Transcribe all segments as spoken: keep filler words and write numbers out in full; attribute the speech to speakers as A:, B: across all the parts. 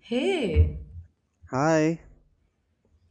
A: Hey,
B: Hi,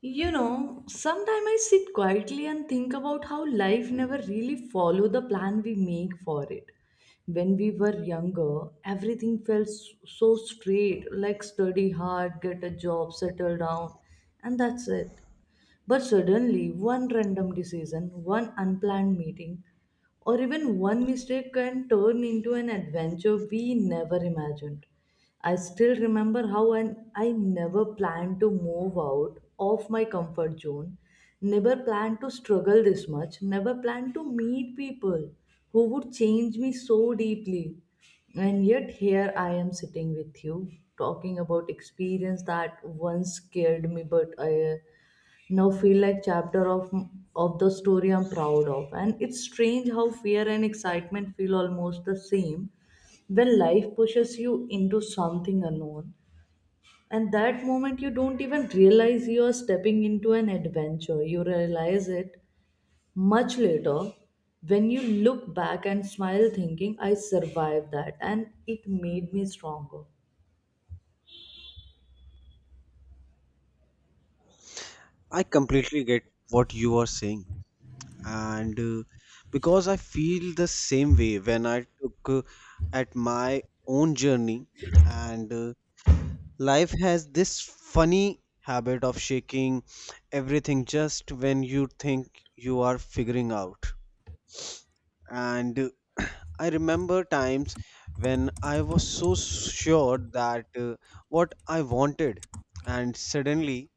A: you know, sometimes I sit quietly and think about how life never really follow the plan we make for it. When we were younger, everything felt s- so straight, like study hard, get a job, settle down, and that's it. But suddenly, one random decision, one unplanned meeting, or even one mistake can turn into an adventure we never imagined. I still remember how an, I never planned to move out of my comfort zone, never planned to struggle this much, never planned to meet people who would change me so deeply. And yet, here I am sitting with you, talking about experience that once scared me, but I now feel like chapter of of the story I'm proud of. And it's strange how fear and excitement feel almost the same when life pushes you into something unknown, and that moment you don't even realize you are stepping into an adventure. You realize it much later, when you look back and smile thinking I survived that and it made me stronger.
B: I completely get what you are saying, and uh, because I feel the same way when I took uh, at my own journey, and uh, life has this funny habit of shaking everything just when you think you are figuring out. And uh, I remember times when I was so sure that uh, what I wanted, and suddenly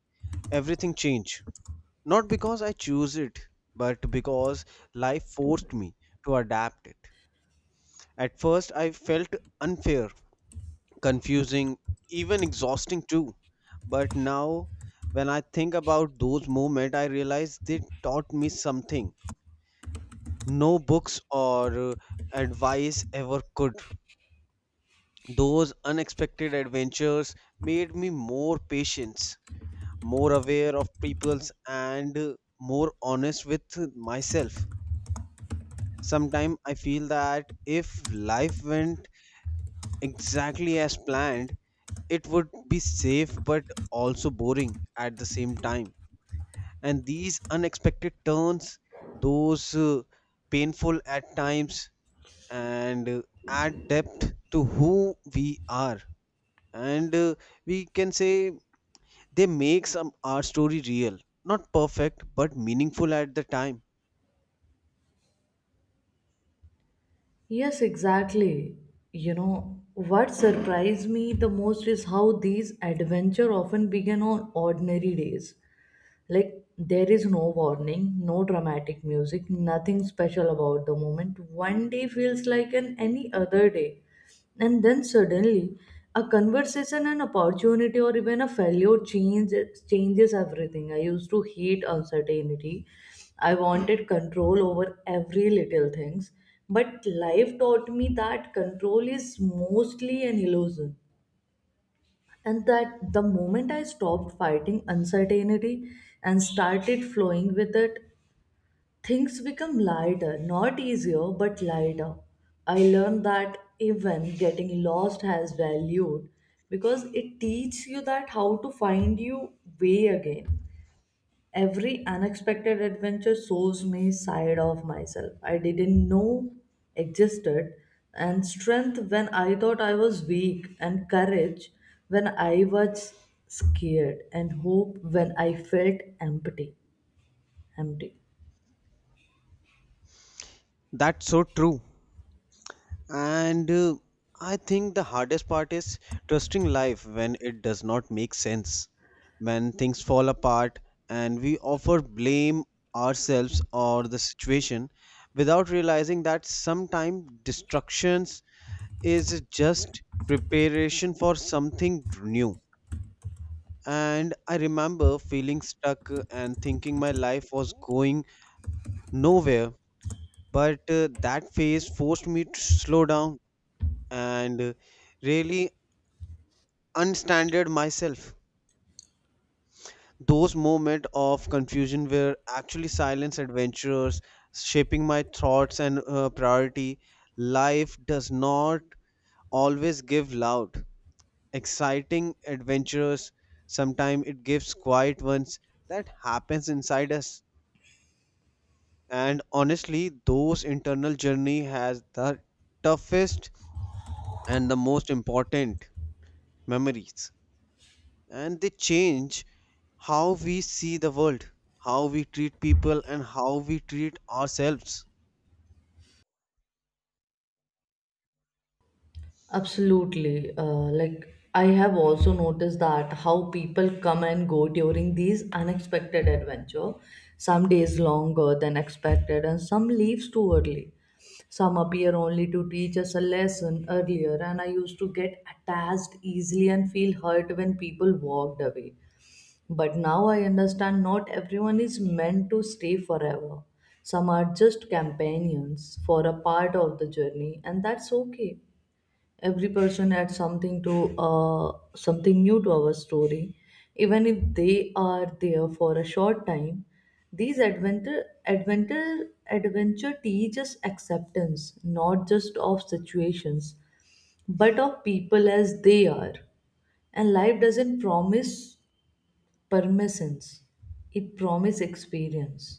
B: everything changed. Not because I choose it, but because life forced me to adapt it. At first, I felt unfair, confusing, even exhausting too. But now, when I think about those moments, I realize they taught me something no books or uh, advice ever could. Those unexpected adventures made me more patient, more aware of people's, and uh, more honest with myself. Sometimes I feel that if life went exactly as planned, it would be safe but also boring at the same time. And these unexpected turns, those uh, painful at times and uh, add depth to who we are. And uh, We can say they make some our story real, not perfect but meaningful at the time.
A: Yes, exactly. You know, what surprised me the most is how these adventures often begin on ordinary days. Like, there is no warning, no dramatic music, nothing special about the moment. One day feels like an any other day. And then suddenly, a conversation, an opportunity, or even a failure changes changes everything. I used to hate uncertainty. I wanted control over every little things. But life taught me that control is mostly an illusion, and that the moment I stopped fighting uncertainty and started flowing with it, things become lighter. Not easier, but lighter. I learned that even getting lost has value, because it teaches you that how to find your way again. Every unexpected adventure shows me side of myself I didn't know existed, and strength when I thought I was weak, and courage when I was scared, and hope when I felt empty empty
B: That's so true. And uh, I think the hardest part is trusting life when it does not make sense, when things fall apart and we offer blame ourselves or the situation without realizing that sometimes destructions is just preparation for something new. And I remember feeling stuck uh, and thinking my life was going nowhere, but uh, that phase forced me to slow down and uh, really unstandard myself. Those moments of confusion were actually silence adventures shaping my thoughts and uh, priority. Life does not always give loud, exciting adventures. Sometimes it gives quiet ones that happens inside us. And honestly, those internal journey has the toughest and the most important memories, and they change how we see the world, how we treat people, and how we treat ourselves.
A: Absolutely. Uh, like, I have also noticed that how people come and go during these unexpected adventure. Some days longer than expected, and some leaves too early. Some appear only to teach us a lesson earlier, and I used to get attached easily and feel hurt when people walked away. But now I understand not everyone is meant to stay forever. Some are just companions for a part of the journey, and that's okay. Every person adds something to uh, something new to our story, even if they are there for a short time. These adventure adventure adventure teach us acceptance, not just of situations but of people as they are. And life doesn't promise permissions, it promises experience.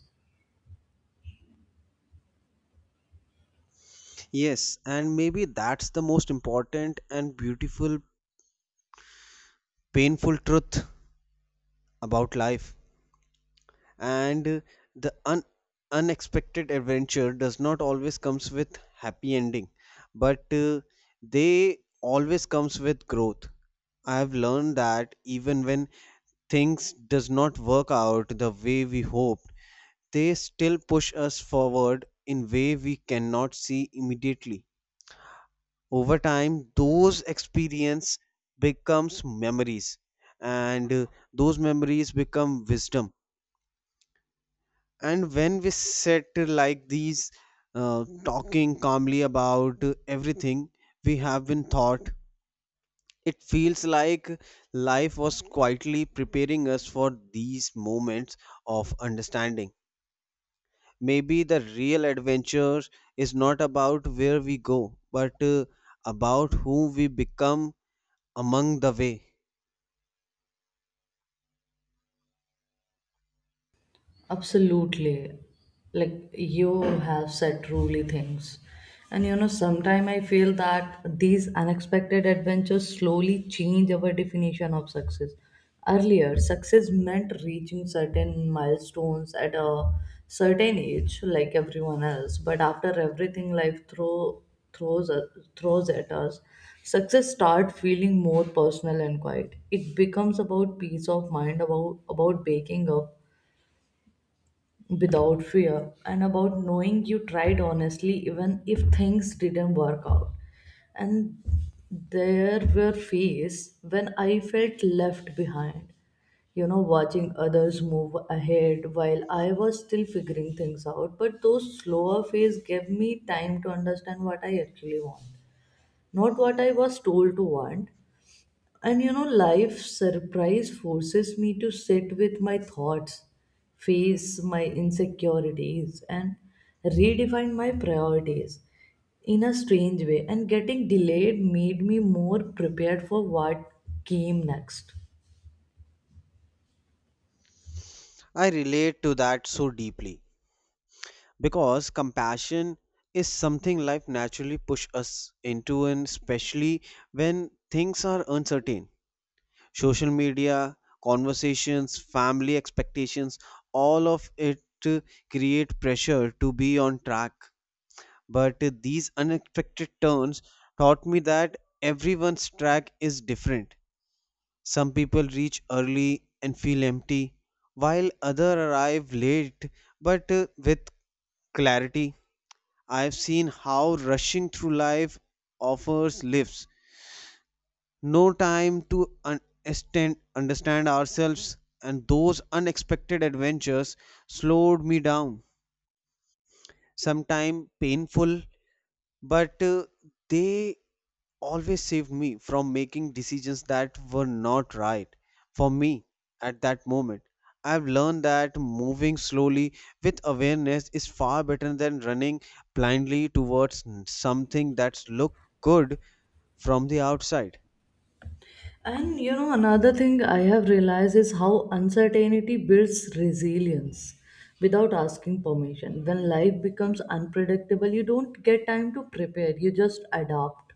B: Yes, and maybe that's the most important and beautiful, painful truth about life. And uh, the un- unexpected adventure does not always comes with happy ending, but uh, they always comes with growth. I have learned that even when things does not work out the way we hope, they still push us forward in way we cannot see immediately. Over time, those experience becomes memories, and uh, those memories become wisdom. And when we sit like these, uh, talking calmly about uh, everything we have been taught, it feels like life was quietly preparing us for these moments of understanding. Maybe the real adventure is not about where we go, but uh, about who we become among the way.
A: Absolutely. Like you have said truly things. And you know, sometimes I feel that these unexpected adventures slowly change our definition of success. Earlier, success meant reaching certain milestones at a certain age, like everyone else. But after everything life throw, throws, uh, throws at us, success start feeling more personal and quiet. It becomes about peace of mind, about about waking up without fear, and about knowing you tried honestly even if things didn't work out. And there were phases when I felt left behind, you know, watching others move ahead while I was still figuring things out. But those slower phases gave me time to understand what I actually want, not what I was told to want. And you know, life surprise forces me to sit with my thoughts, face my insecurities, and redefine my priorities in a strange way. And getting delayed made me more prepared for what came next.
B: I relate to that so deeply because compassion is something life naturally push us into, and especially when things are uncertain. Social media, conversations, family expectations, all of it uh, create pressure to be on track. But these unexpected turns taught me that everyone's track is different. Some people reach early and feel empty, while others arrive late but uh, with clarity. I've seen how rushing through life offers lives no time to understand understand ourselves, and those unexpected adventures slowed me down. Sometimes painful, but uh, they always saved me from making decisions that were not right for me at that moment. I've learned that moving slowly with awareness is far better than running blindly towards something that's look good from the outside.
A: And you know, another thing I have realized is how uncertainty builds resilience without asking permission. When life becomes unpredictable, you don't get time to prepare, you just adapt.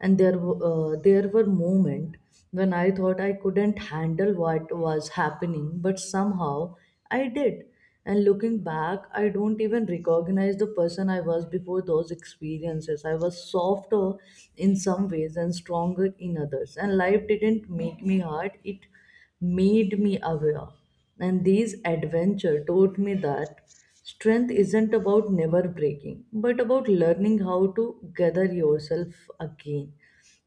A: And there w- uh, there were moments when I thought I couldn't handle what was happening, but somehow I did. And looking back, I don't even recognize the person I was before those experiences. I was softer in some ways and stronger in others, and life didn't make me hard, it made me aware. And these adventure taught me that strength isn't about never breaking, but about learning how to gather yourself again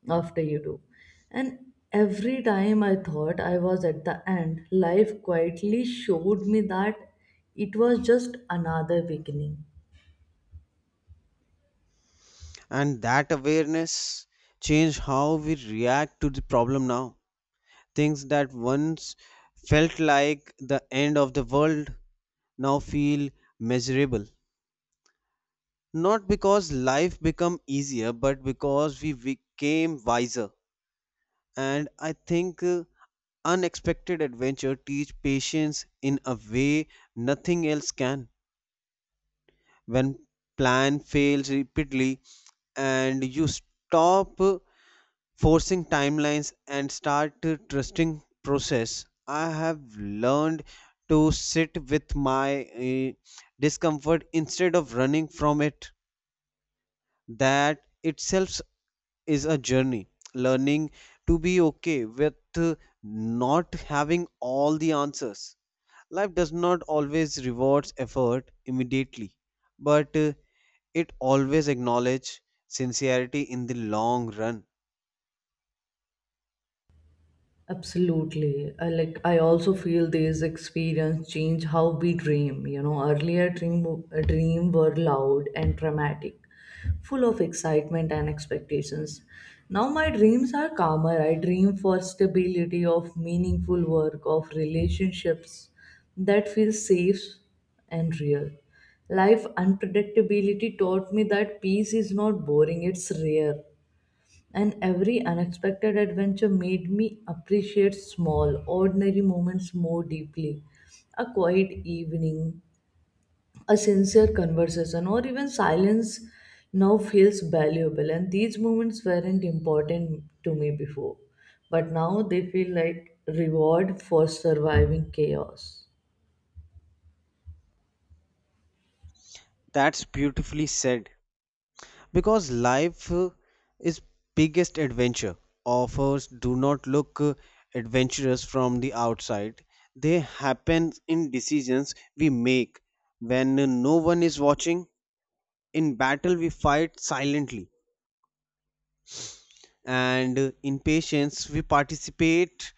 A: after you do. And every time I thought I was at the end, life quietly showed me that it was just another beginning.
B: And that awareness changed how we react to the problem now. Things that once felt like the end of the world now feel measurable. Not because life become easier, but because we became wiser. And I think uh, unexpected adventure teach patience in a way nothing else can. When plan fails repeatedly and you stop uh, forcing timelines and start uh, trusting process, I have learned to sit with my uh, discomfort instead of running from it. That itself is a journey, learning to be okay with uh, not having all the answers. Life does not always reward effort immediately, but uh, it always acknowledges sincerity in the long run.
A: Absolutely. I like I also feel these experience change how we dream. You know, earlier dream uh, dream were loud and dramatic, full of excitement and expectations. Now my dreams are calmer. I dream for stability, of meaningful work, of relationships that feel safe and real. Life unpredictability taught me that peace is not boring, it's rare. And every unexpected adventure made me appreciate small, ordinary moments more deeply. A quiet evening, a sincere conversation, or even silence now feels valuable. And these moments weren't important to me before, but now they feel like reward for surviving chaos.
B: That's beautifully said, because life uh, is biggest adventure offers do not look uh, adventurous from the outside. They happen in decisions we make when uh, no one is watching, in battle we fight silently, and uh, in patience we participate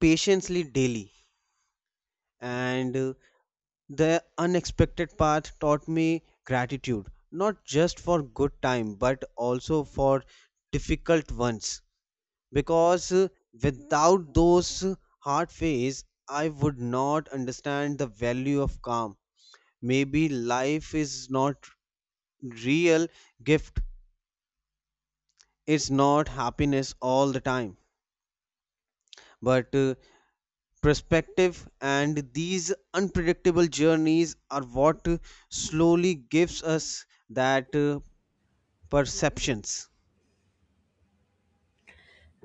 B: patiently daily. And uh, The unexpected path taught me gratitude, not just for good time but also for difficult ones, because uh, without those hard phase I would not understand the value of calm. Maybe life is not real gift. It's not happiness all the time, but uh, perspective. And these unpredictable journeys are what uh, slowly gives us that uh, perceptions.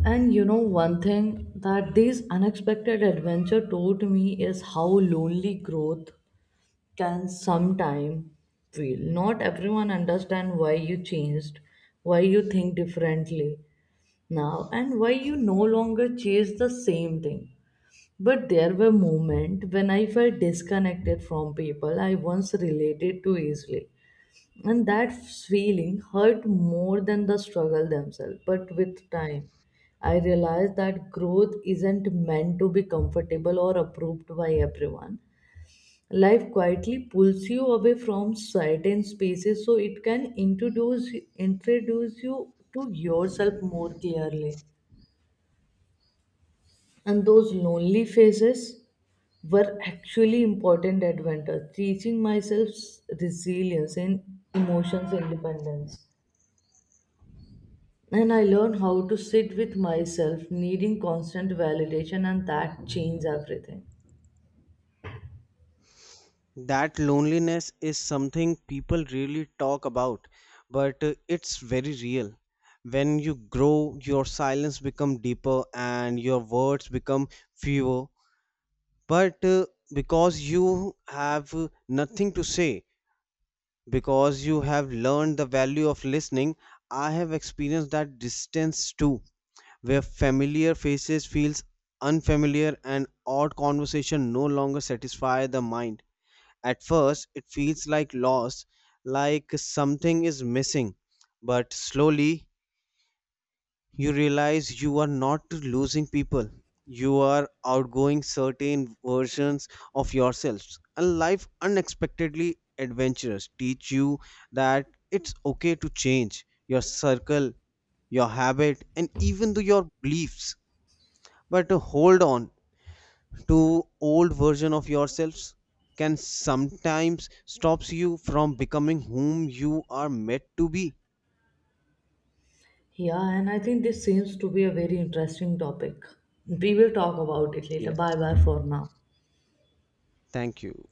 A: And you know, one thing that these unexpected adventure taught me is how lonely growth can sometime feel. Not everyone understand why you changed, why you think differently now, and why you no longer chase the same thing. But there were moments when I felt disconnected from people I once related to easily. And that feeling hurt more than the struggle themselves. But with time, I realized that growth isn't meant to be comfortable or approved by everyone. Life quietly pulls you away from certain spaces so it can introduce introduce you to yourself more clearly. And those lonely phases were actually important advantage, teaching myself resilience and emotions independence. And I learned how to sit with myself, needing constant validation, and that changed everything.
B: That loneliness is something people really talk about, but uh, it's very real. When you grow, your silence become deeper and your words become fewer. But uh, because you have uh, nothing to say, because you have learned the value of listening, I have experienced that distance too, where familiar faces feels unfamiliar and odd conversation no longer satisfy the mind. At first, it feels like loss, like something is missing, but slowly you realize you are not losing people. You are outgoing certain versions of yourselves, and life unexpectedly adventurous teach you that it's okay to change your circle, your habit, and even though your beliefs. But hold on, to old version of yourselves can sometimes stops you from becoming whom you are meant to be.
A: Yeah, and I think this seems to be a very interesting topic. We will talk about it later.
B: Yes,
A: Bye bye for now.
B: thank you.